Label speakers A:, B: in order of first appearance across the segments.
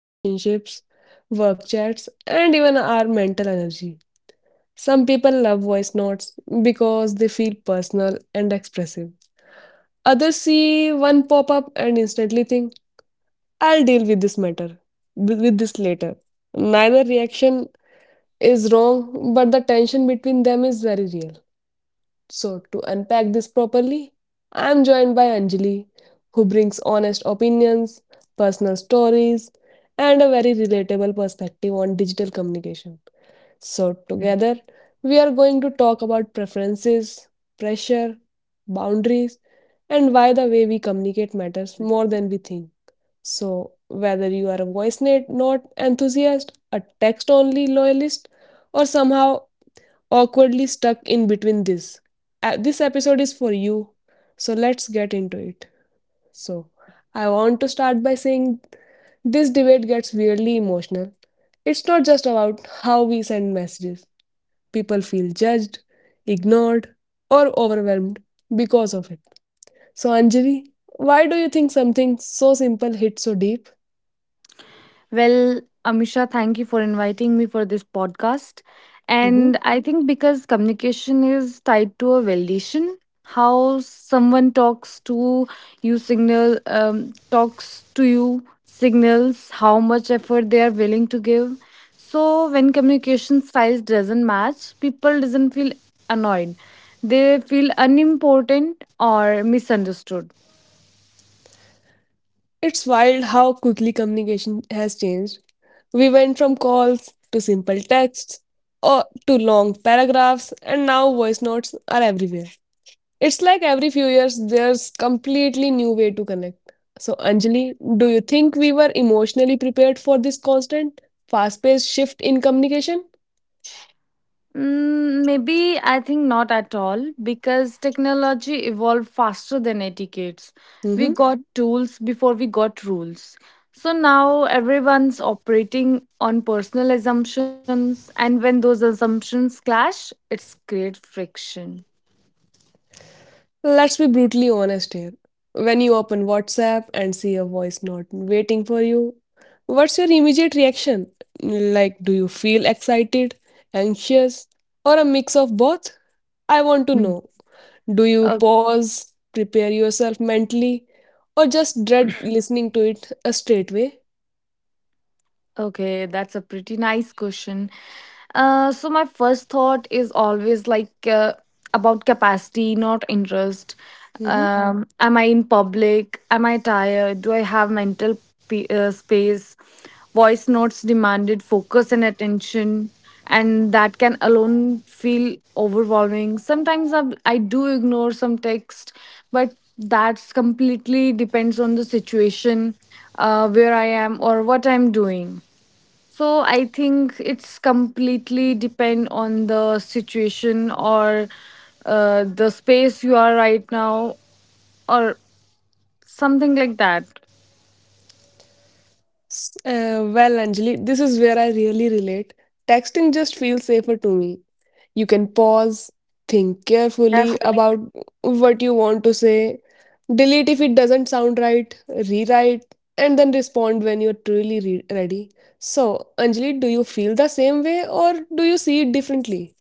A: relationships, work chats, and even our mental energy. Some people love voice notes because they feel personal and expressive. Others see one pop up and instantly think, I'll deal with this matter, with this later. Neither reaction is wrong, but the tension between them is very real. So, to unpack this properly, I am joined by Anjali, who brings honest opinions, personal stories, and a very relatable perspective on digital communication. So, together, we are going to talk about preferences, pressure, boundaries, and why the way we communicate matters more than we think. So, whether you are a voice net not enthusiast, a text only loyalist, or somehow awkwardly stuck in between this episode is for you. So, let's get into it. So, I want to start by saying this debate gets weirdly emotional. It's not just about how we send messages. People feel judged, ignored, or overwhelmed because of it. So, Anjali, why do you think something so simple hits so deep?
B: Well, Amisha, thank you for inviting me for this podcast.
A: Mhm.
B: And I think because communication is tied to a validation, how someone talks to you signal talks to you signals how much effort they are willing to give. So when communication styles doesn't match, people doesn't feel annoyed. They feel unimportant or misunderstood.
A: It's wild how quickly communication has changed. We went from calls to simple texts or to long paragraphs, and now voice notes are everywhere. It's like every few years there's completely new way to connect. So Anjali, do you think we were emotionally prepared for this constant, fast-paced shift in communication?
B: Maybe I think not at all because technology evolved faster than etiquettes. We
A: Mhm.
B: got tools before we got rules. So now everyone's operating on personal assumptions, and when those assumptions clash, it creates friction.
A: Let's be brutally honest here. When you open WhatsApp and see a voice note waiting for you, what's your immediate reaction? Like, do you feel excited, anxious, or a mix of both? I want to
B: Mm.
A: know. Do you
B: O-
A: pause, prepare yourself mentally, or just dread listening to it straight away?
B: okay, that's a pretty nice question. So my first thought is always like about capacity, not interest.
A: Mm-hmm.
B: Am I in public? Am I tired? Do I have mental space? Voice notes demanded focus and attention, and that can alone feel overwhelming. Sometimes I do ignore some text, but that's completely depends on the situation, where I am or what I'm doing. So I think it's completely depend on the situation or the space you are right now or something like that.
A: Well, Anjali, this is where I really relate. Texting just feels safer to me. You can pause, think carefully
B: Definitely.
A: about what you want to say, delete if it doesn't sound right, rewrite, and then respond when you're truly ready. So, Anjali, do you feel the same way or do you see it differently?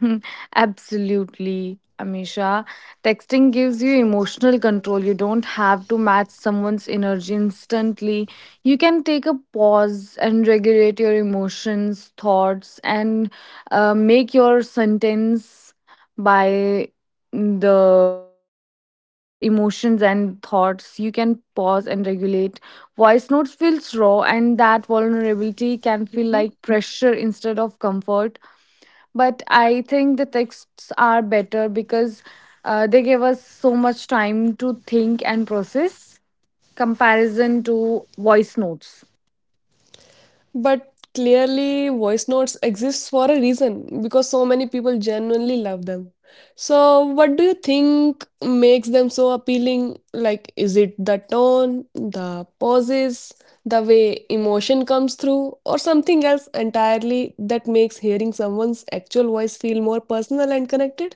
B: Absolutely, Amisha. Texting gives you emotional control. You don't have to match someone's energy instantly. You can take a pause and regulate your emotions, thoughts, and make your sentence by the emotions and thoughts. You can pause and regulate. Voice notes feels raw, and that vulnerability can feel like
A: Hmm?
B: pressure instead of comfort, but I think the texts are better because they give us so much time to think and process comparison to voice notes.
A: But clearly, voice notes exist for a reason because so many people genuinely love them. So, what do you think makes them so appealing? Like, is it the tone, the pauses, the way emotion comes through, or something else entirely that makes hearing someone's actual voice feel more personal and connected?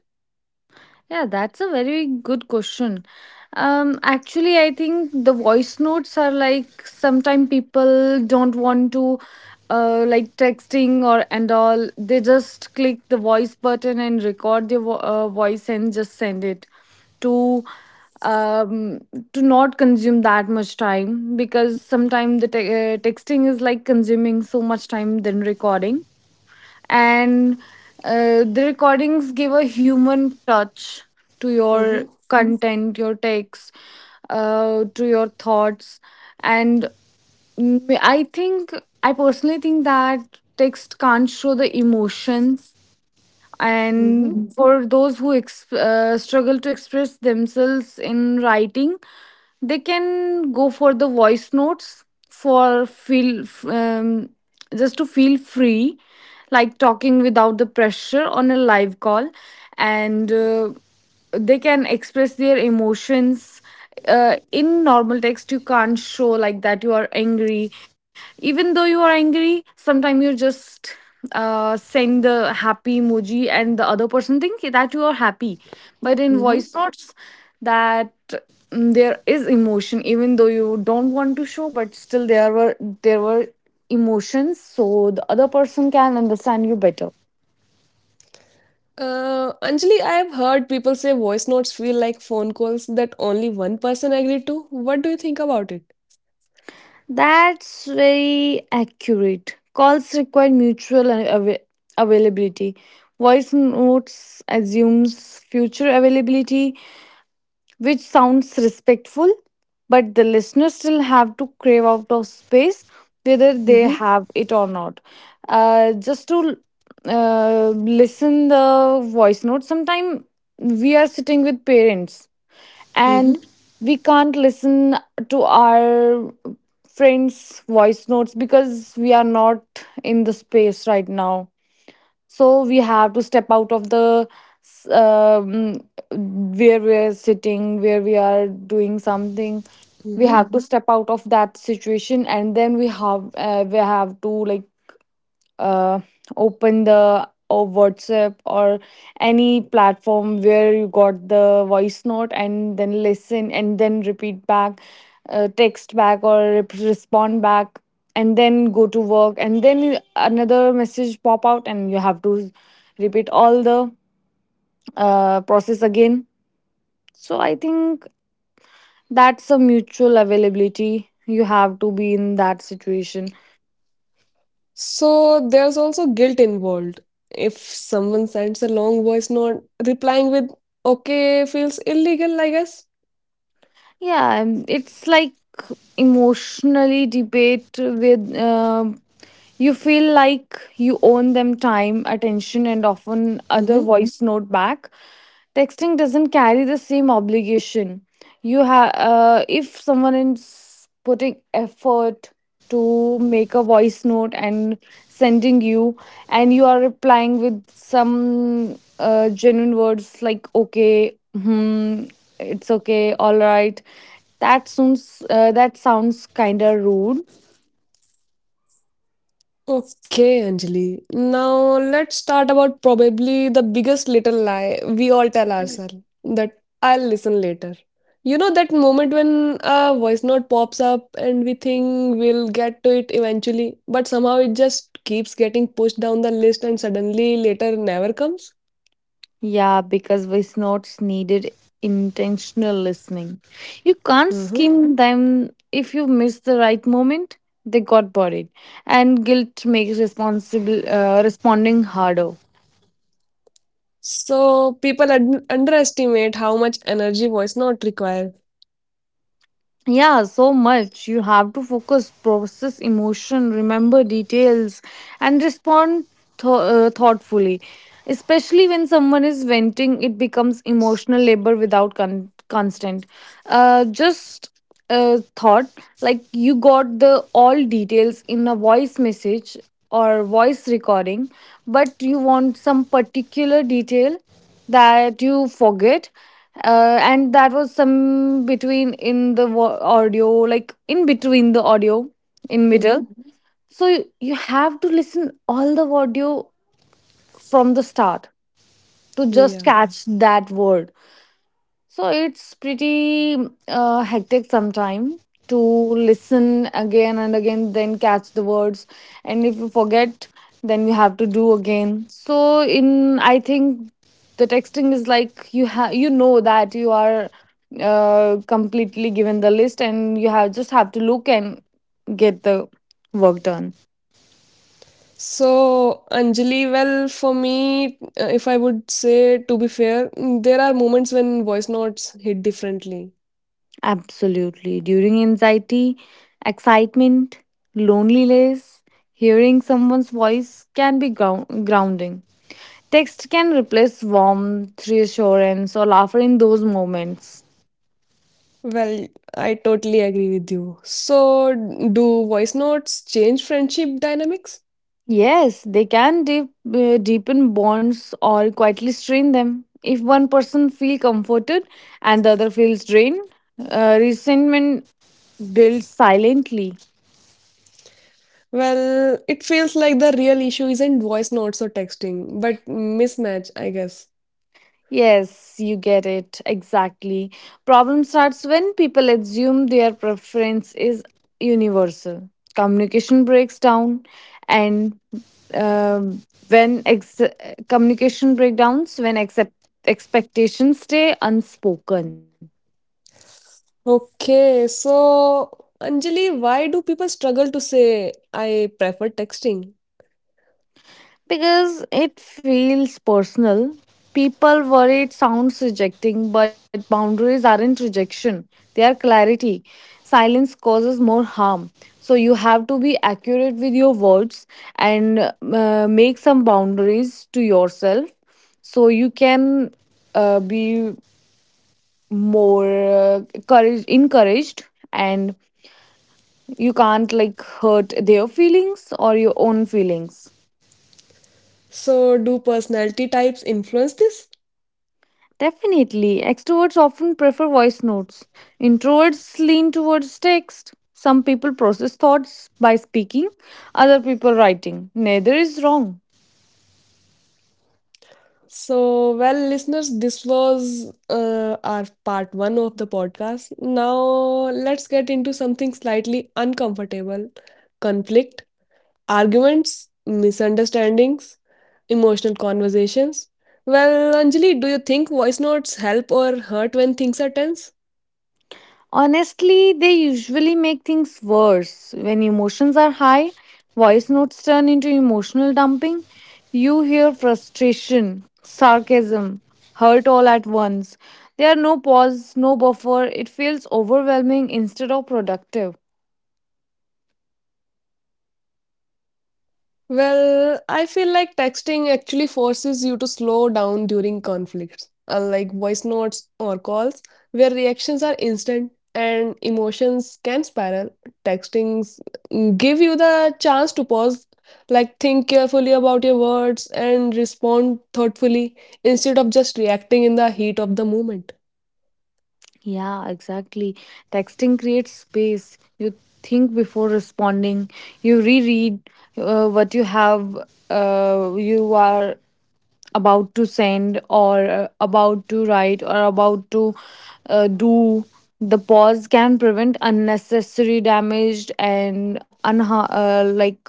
B: Yeah, that's a very good question. Actually, I think the voice notes are like sometimes people don't want to like texting or and all. They just click the voice button and record their voice and just send it to um to not consume that much time because sometimes the texting is like consuming so much time than recording, and the recordings give a human touch to your
A: Mm-hmm.
B: content, your text, to your thoughts. And mm, i think I personally think that text can't show the emotions,
A: Mm-hmm.
B: and for those who struggle to express themselves in writing, they can go for the voice notes for feel just to feel free, like talking without the pressure on a live call, and they can express their emotions. In normal text you can't show like that you are angry. Even though you are angry sometimes you just send the happy emoji and the other person think that you are happy, but in
A: Mm-hmm.
B: voice notes, that there is emotion even though you don't want to show, but still there were emotions, so the other person can understand you better.
A: Anjali, I have heard people say voice notes feel like phone calls that only one person agreed to. What do you think about it?
B: That's very accurate. Calls require availability. Voice notes assumes future availability, which sounds respectful, but the listeners still have to crave out of space whether they
A: Mm-hmm.
B: have it or not. Just to uh, listen the voice note, sometimes we are sitting with parents
A: Mm-hmm.
B: and we can't listen to our friends' voice notes because we are not in the space right now, so we have to step out of the s- um, where we are sitting, where we are doing something. We
A: Mm-hmm.
B: have to, mhm, step out of that situation, and then we have to like uh, open the or WhatsApp or any platform where you got the voice note and then listen and then repeat back, text back or respond back, and then go to work, and then another message pop out and you have to repeat all the process again. So I think that's a mutual availability, you have to be in that situation.
A: So there's also guilt involved. If someone sends a long voice note, replying with okay feels illegal, I guess.
B: Yeah, it's like emotionally debate with you feel like you own them time, attention, and often other
A: Mm-hmm.
B: voice note back. Texting doesn't carry the same obligation. You have If someone is putting effort to make a voice note and sending you, and you are replying with some genuine words like okay, hmm, it's okay, all right, that sounds kind of rude.
A: Okay, Anjali. Now let's start about probably the biggest little lie we all tell ourselves, that I'll listen later. You know that moment when a voice note pops up and we think we'll get to it eventually, but somehow it just keeps getting pushed down the list and suddenly later never comes?
B: Yeah, because voice notes needed intentional listening. You can't
A: Mm-hmm.
B: skim them if you miss the right moment. They got buried, and guilt makes responsible responding harder.
A: So people underestimate how much energy voice note require.
B: Yeah, so much. You have to focus, process emotion, remember details, and respond thoughtfully. Especially when someone is venting, it becomes emotional labor without constant. Just thought, like you got the all details in a voice message or voice recording, but you want some particular detail that you forget, and that was some between in the audio, like in between the audio in
A: Mm-hmm.
B: middle, so you have to listen all the audio from the start to just
A: Yeah.
B: catch that word. So it's pretty hectic sometime to listen again and again, then catch the words, and if you forget, then you have to do again. So in I think the texting is like you have you know that you are completely given the list, and you have just have to look and get the work done.
A: So Anjali, well, for me, if I would say to be fair, mm, there are moments when voice notes hit differently.
B: Absolutely. During anxiety, excitement, loneliness, hearing someone's voice can be grounding. Text can replace warmth, reassurance, or laughter in those moments.
A: Well, I totally agree with you. So, do voice notes change friendship dynamics?
B: Yes, they can deepen bonds or quietly strain them. If one person feels comforted and the other feels drained, resentment builds silently.
A: Well, it feels like the real issue isn't voice notes or texting, but mismatch, I guess.
B: Yes, you get it. Exactly. Problem starts when people assume their preference is universal. Communication breaks down, and um when ex- communication breakdowns, when expectations stay unspoken.
A: Okay, so Anjali, why do people struggle to say I prefer texting?
B: Because it feels personal. People worry it sounds rejecting, but boundaries aren't rejection, they are clarity. Silence causes more harm. So you have to be accurate with your words and make some boundaries to yourself so you can be more uh, encouraged, and you can't like hurt their feelings or your own feelings.
A: So, do personality types influence this?
B: Definitely, extroverts often prefer voice notes. Introverts lean towards text. Some people process thoughts by speaking, other people writing. Neither is wrong.
A: Well, listeners, this was our part one of the podcast. Now, let's get into something slightly uncomfortable: conflict, arguments, misunderstandings, emotional conversations. Well, Anjali, do you think voice notes help or hurt when things are tense?
B: Honestly, they usually make things worse. When emotions are high, voice notes turn into emotional dumping. You hear frustration, sarcasm, hurt all at once. There are no pause, no buffer. It feels overwhelming instead of productive.
A: Well, I feel like texting actually forces you to slow down during conflicts, unlike voice notes or calls, where reactions are instant and emotions can spiral. Textings give you the chance to pause, like think carefully about your words and respond thoughtfully instead of just reacting in the heat of the moment.
B: Yeah, exactly. Texting creates space. You think before responding, you reread what you have, you are about to send, or about to write, or about to do. The pause can prevent unnecessary damage and like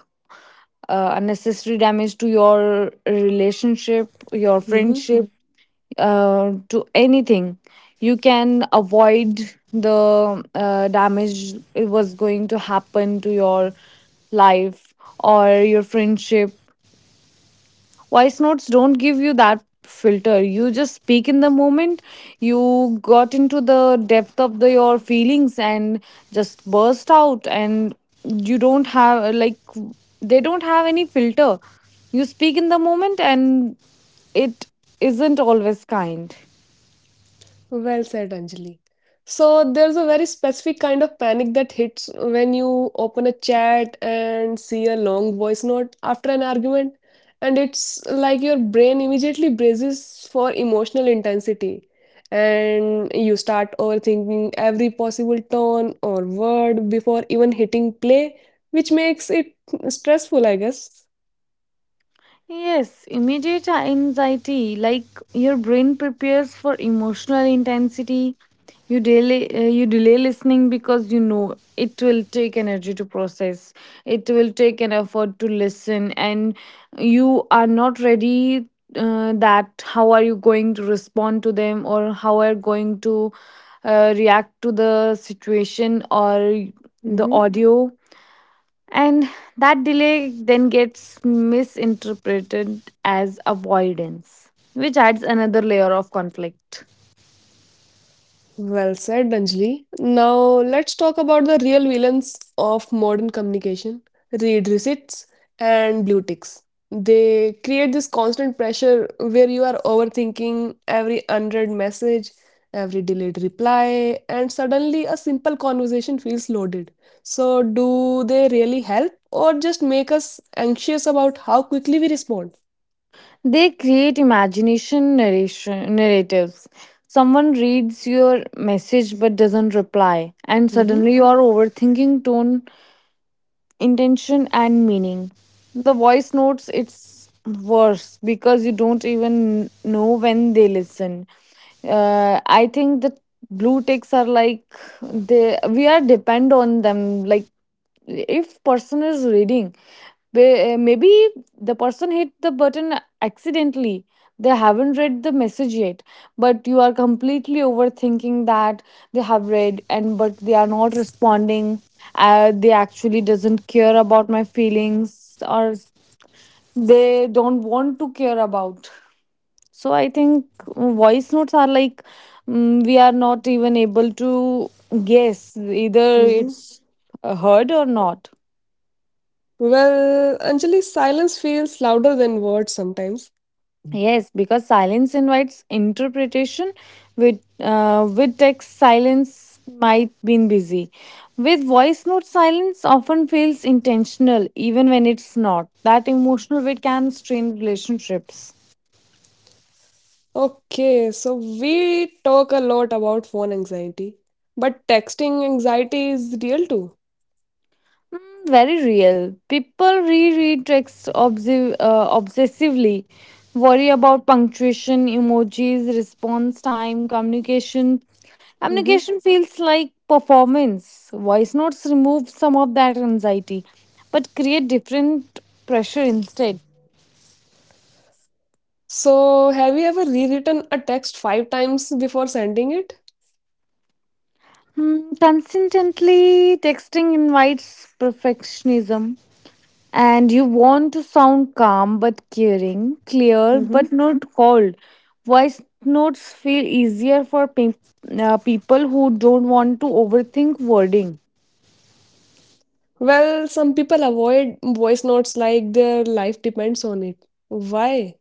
B: unnecessary damage to your relationship, your
A: Mhm.
B: friendship, to anything. You can avoid the damage it was going to happen to your life or your friendship. Voice notes don't give you that filter, you just speak in the moment, you got into the depth of the your feelings and just burst out, and you don't have like they don't have any filter. You speak in the moment, and it isn't always kind.
A: Well said, Anjali. So there's a very specific kind of panic that hits when you open a chat and see a long voice note after an argument, and it's like your brain immediately braces for emotional intensity, and you start overthinking every possible tone or word before even hitting play, which makes it stressful, I guess.
B: Yes, immediate anxiety, like your brain prepares for emotional intensity. You delay listening because you know it will take energy to process. It will take an effort to listen, and you are not ready. That how are you going to respond to them, or how are you going to react to the situation or
A: Mm-hmm.
B: the audio. And that delay then gets misinterpreted as avoidance, which adds another layer of conflict.
A: Well said, Anjali. Now let's talk about the real villains of modern communication: read receipts and blue ticks. They create this constant pressure where you are overthinking every unread message, every delayed reply, and suddenly a simple conversation feels loaded. So, do they really help or just make us anxious about how quickly we respond?
B: They create imagination narration, narratives. Someone reads your message but doesn't reply, and
A: Mm-hmm.
B: suddenly your overthinking tone, intention, and meaning. The voice notes it's worse because you don't even know when they listen. I think the blue ticks are like they we are depend on them. Like if person is reading, maybe the person hit the button accidentally. They haven't read the message yet, but you are completely overthinking that they have read and but they are not responding. They actually doesn't care about my feelings, or they don't want to care about. So I think voice notes are like, we are not even able to guess either
A: Mm-hmm.
B: it's heard or not.
A: Well, Anjali, silence feels louder than words sometimes.
B: Yes, because silence invites interpretation. With text, silence might been busy. With voice note, silence often feels intentional, even when it's not. That emotional weight can strain relationships.
A: Okay, so we talk a lot about phone anxiety, but texting anxiety is real too.
B: Very real. People reread texts obsessively, worry about punctuation, emojis, response time, communication.
A: Hmm.
B: Communication feels like performance. Voice notes remove some of that anxiety, but create different pressure instead.
A: So, have you ever rewritten a text five times before sending it?
B: Hmm, consistently texting invites perfectionism, and you want to sound calm but caring, clear
A: Hmm.
B: but not cold. Voice notes feel easier for people who don't want to overthink wording
A: Well, some people avoid voice notes like their life depends on it. Why?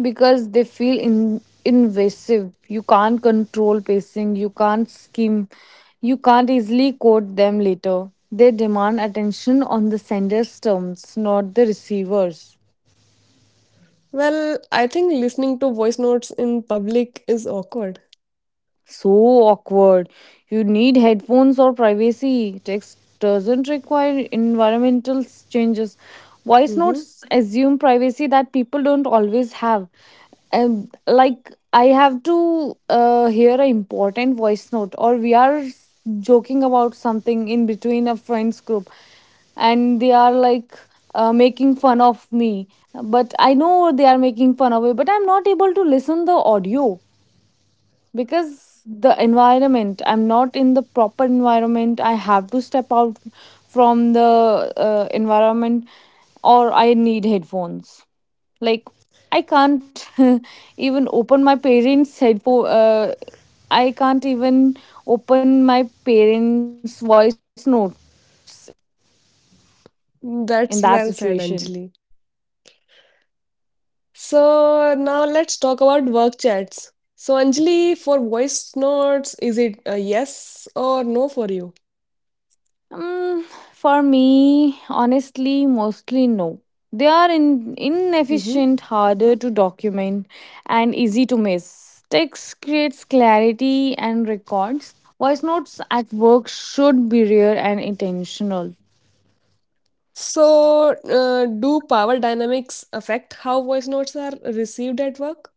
B: because they feel invasive. You can't control pacing, you can't skim, you can't easily quote them later. They demand attention on the sender's terms, not the receiver's.
A: Well, I think listening to voice notes in public is awkward.
B: So awkward. You need headphones or privacy. Text doesn't require environmental changes. Voice
A: Hmm.
B: notes assume privacy that people don't always have. And like I have to hear an important voice note, or joking about something in between a friends group, and they are like making fun of me. But I know they are making fun of me, but I'm not able to listen the audio because the environment, I'm not in the proper environment. I have to step out from the environment, or I need headphones. Like I can't even open my parents headphone I can't even open my parents voice notes in that
A: That's
B: situation.
A: well said, Anjali. So now let's talk about work chats. So Anjali, for voice notes, is it a yes or no for you?
B: Mm, for me, honestly, mostly no. They are
A: Hmm.
B: inefficient, harder to document, and easy to miss. Text creates clarity and records. Voice notes at work should be rare and intentional.
A: So do power dynamics affect how voice notes are received at work?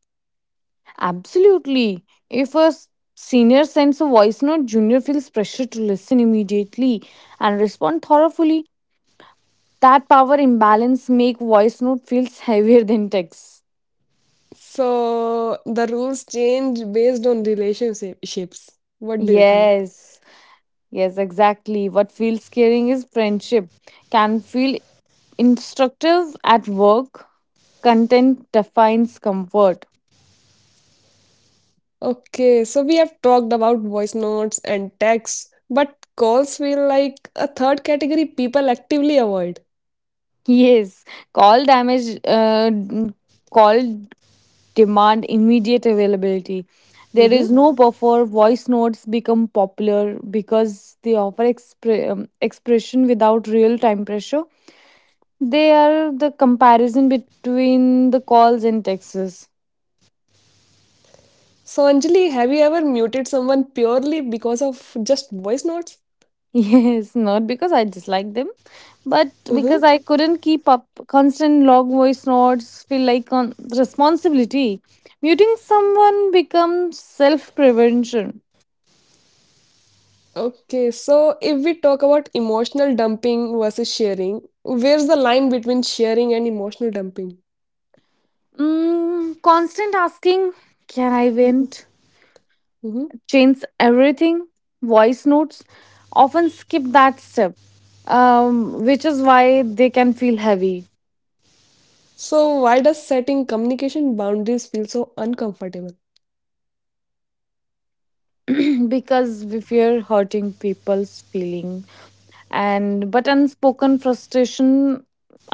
B: Absolutely. If senior sends a voice note, junior feels pressure to listen immediately and respond thoroughly. That power imbalance make voice note feels heavier than text.
A: So the rules change based on relationships. What do you think?
B: Yes. Yes, exactly. What feels caring is friendship can feel instructive at work. Content defines comfort.
A: Okay, so we have talked about voice notes and texts, but calls feel like a third category people actively avoid.
B: Yes, call damage, uh, n- call demand immediate availability. There is
A: Mhm.
B: no buffer. Voice notes become popular because they offer expression without real time pressure. They are the comparison between the calls and texts.
A: So, Anjali, have you ever muted someone purely because of just voice notes?
B: Yes, not because I dislike them, but
A: Hmm.
B: because I couldn't keep up. Constant log voice notes feel like on responsibility. Muting someone becomes self prevention.
A: Okay, so if we talk about emotional dumping versus sharing, where's the line between sharing and emotional dumping?
B: Mm, constant asking, can I vent?
A: Hmm.
B: Change everything. Voice notes often skip that step, which is why they can feel heavy
A: So, why does setting communication boundaries feel so uncomfortable?
B: because we fear hurting people's feeling and but unspoken frustration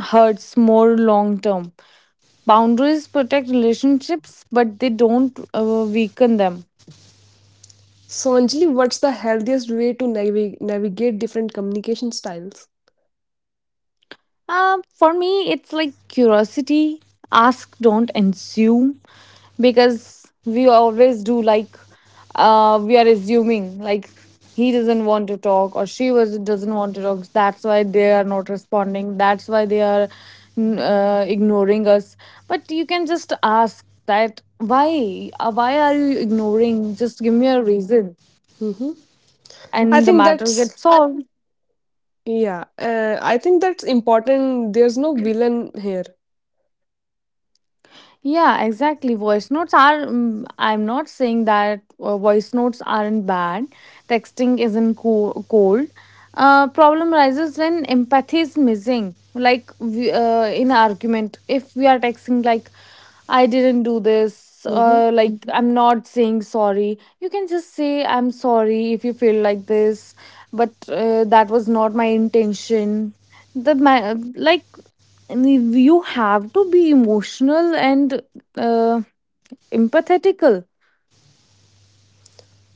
B: hurts more long term. Boundaries protect relationships, but they don't weaken them.
A: So, Anjali, what's the healthiest way to navigate different communication styles?
B: For me, it's like curiosity. Ask, don't assume, because we always do, like we are assuming like he doesn't want to talk or she was doesn't want to talk. That's why they are not responding. That's why they are ignoring us. But you can just ask that why? Why are you ignoring? Just give me a reason,
A: Hmm. I
B: and the
A: think
B: matter
A: that's,
B: gets solved.
A: yeah, I think that's important. There's no villain here.
B: Yeah, exactly. Voice notes are, mm, I'm not saying that voice notes aren't bad. Texting isn't cold. Problem arises when empathy is missing. Like in argument, if we are texting like, I didn't do this,
A: Mhm.
B: like mhm. I'm not saying sorry. You can just say I'm sorry if you feel like this, but that was not my intention. The ma- like And if you have to be emotional and uh, empathetical.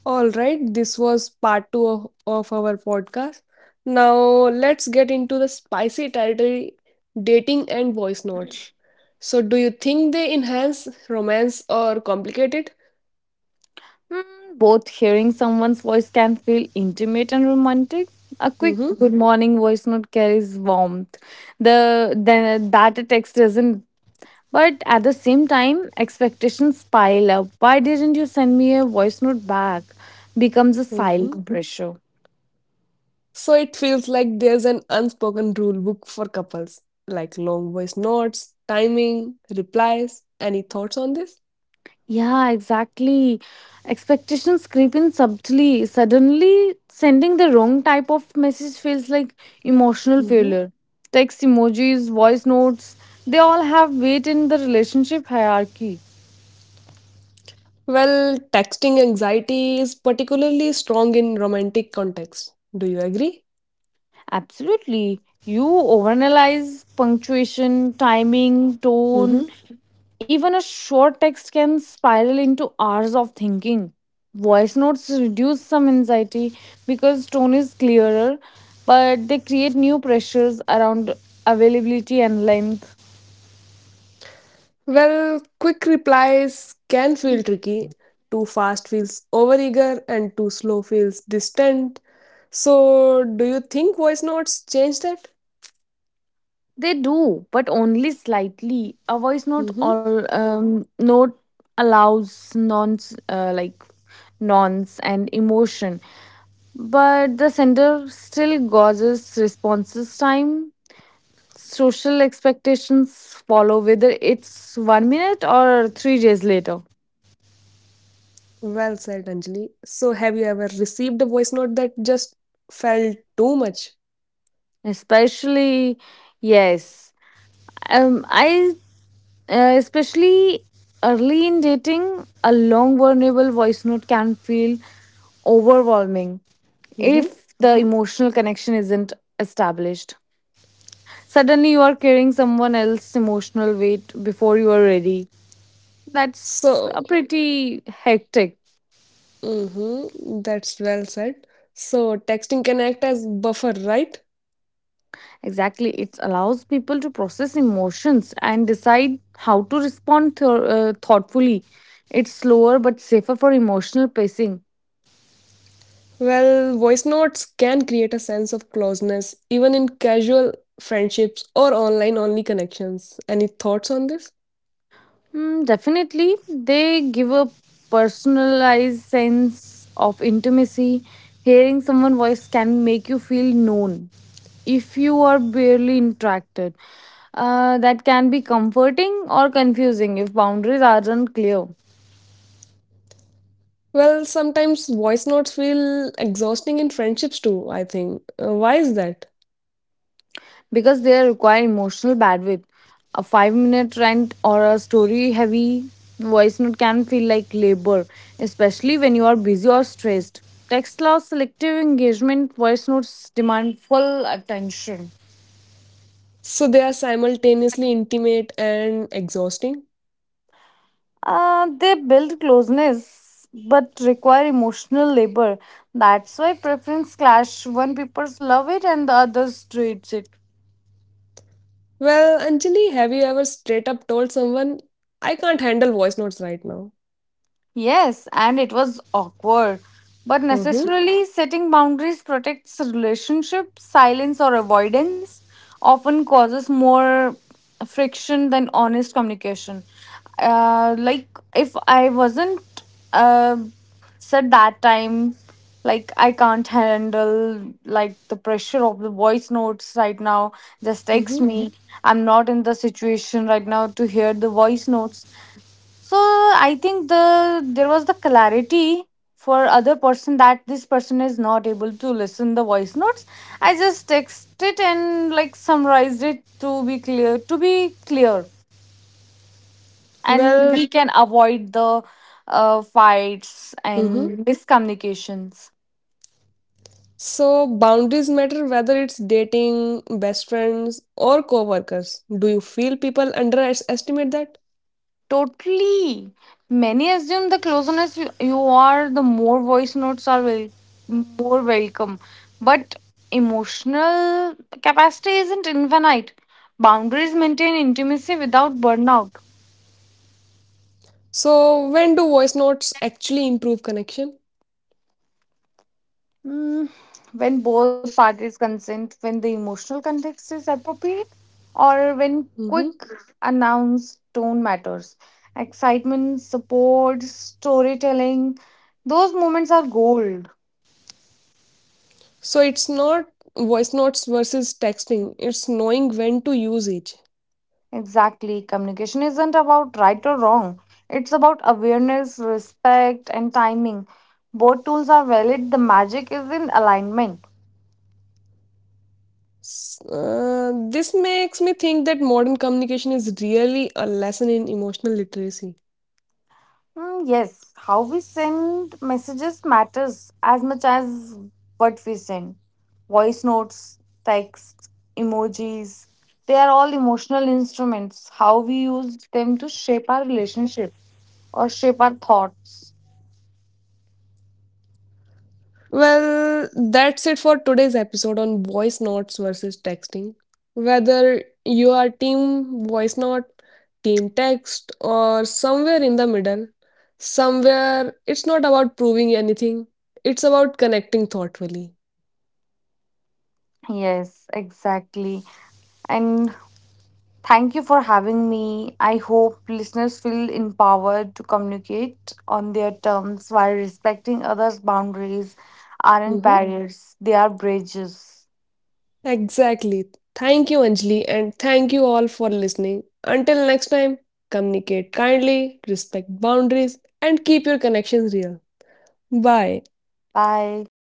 A: All right, this was part two of our podcast. Now let's get into the spicy territory: dating and voice notes. So, do you think they enhance romance or complicate it?
B: Hmm, both hearing someone's voice can feel intimate and romantic. A quick
A: Mm-hmm.
B: good morning voice note carries warmth. The the that a text doesn't. But at the same time, expectations pile up. Why didn't you send me a voice note back? Becomes a
A: Mm-hmm.
B: silent pressure.
A: So, it feels like there's an unspoken rule book for couples, like long voice notes, timing, replies. Any thoughts on this?
B: Yeah, exactly. Expectations creep in subtly. Suddenly, sending the wrong type of message feels like emotional
A: Mm-hmm.
B: failure. Text emojis, voice notes, they all have weight in the relationship hierarchy.
A: Well, texting anxiety is particularly strong in romantic contexts. Do you agree?
B: Absolutely. You overanalyze punctuation, timing, tone.
A: Mm-hmm.
B: Even a short text can spiral into hours of thinking. Voice notes reduce some anxiety because tone is clearer, but they create new pressures around availability and length.
A: Well, quick replies can feel tricky. Too fast feels overeager, and too slow feels distant. So, do you think voice notes change that?
B: They do, but only slightly. A voice note
A: Mm-hmm.
B: all note allows nonce and emotion, but the sender still gauges responses time, social expectations follow whether it's 1 minute or 3 days later.
A: Well said, Anjali. So, have you ever received a voice note that just felt too much?
B: Especially, yes, I especially early in dating, a long vulnerable voice note can feel overwhelming
A: Mm-hmm.
B: if the emotional connection isn't established. Suddenly you are carrying someone else's emotional weight before you are ready. That's a
A: So,
B: pretty hectic.
A: mm-hmm. That's well said. So, texting can act as buffer, right?
B: Exactly. It allows people to process emotions and decide how to respond thoughtfully. It's slower but safer for emotional pacing.
A: Well, voice notes can create a sense of closeness, even in casual friendships or online only connections. Any thoughts on this?
B: Mm, definitely, they give a personalized sense of intimacy. Hearing someone's voice can make you feel known if you are barely interacted. That can be comforting or confusing if boundaries aren't clear.
A: Well, sometimes voice notes feel exhausting in friendships too, I think. Why is that?
B: Because they require emotional bandwidth. A 5 minute rant or a story heavy voice note can feel like labor, especially when you are busy or stressed. Text allows selective engagement, voice notes demand full attention.
A: So they are simultaneously intimate and exhausting?
B: They build closeness but require emotional labor. That's why preference clash. One people love it and the others hates it.
A: Well, Anjali, have you ever straight up told someone, I can't handle voice notes right now?
B: Yes, and it was awkward. But
A: Mm-hmm.
B: necessarily, setting boundaries protects relationships. Silence or avoidance often causes more friction than honest communication. Like if I wasn't uh, said that time, like I can't handle like the pressure of the voice notes right now. Just text
A: Mm-hmm.
B: me. I'm not in the situation right now to hear the voice notes, so I think there was the clarity for other person that this person is not able to listen the voice notes. I just text it and like summarized it, to be clear, to be clear, and
A: Well,
B: we can avoid the fights
A: mhm.
B: and miscommunications.
A: So boundaries matter whether it's dating, best friends, or co-workers. Do you feel people underestimate that?
B: Totally. Many assume the closeness you are, the more voice notes are more welcome. But emotional capacity isn't infinite. Boundaries maintain intimacy without burnout.
A: So when do voice notes actually improve connection?
B: Mm, when both parties consent, when the emotional context is appropriate, or when
A: Hmm.
B: quick announce tone matters. Excitement, support, storytelling, those moments are gold.
A: So it's not voice notes versus texting. It's knowing when to use each.
B: Exactly. Communication isn't about right or wrong. It's about awareness, respect, and timing. Both tools are valid. The magic is in alignment.
A: This makes me think that modern communication is really a lesson in emotional literacy.
B: Hmm, yes, how we send messages matters as much as what we send. Voice notes, text, emojis, they are all emotional instruments. How we use them to shape our relationship or shape our thoughts.
A: Well, that's it for today's episode on voice notes versus texting. Whether you are team voice note, team text, or somewhere in the middle, somewhere it's not about proving anything, it's about connecting thoughtfully.
B: Yes, exactly. And thank you for having me. I hope listeners feel empowered to communicate on their terms while respecting others' boundaries aren't
A: Hmm.
B: barriers, they are bridges.
A: Exactly. Thank you, Anjali, and thank you all for listening. Until next time, communicate kindly, respect boundaries, and keep your connections real. Bye.
B: Bye.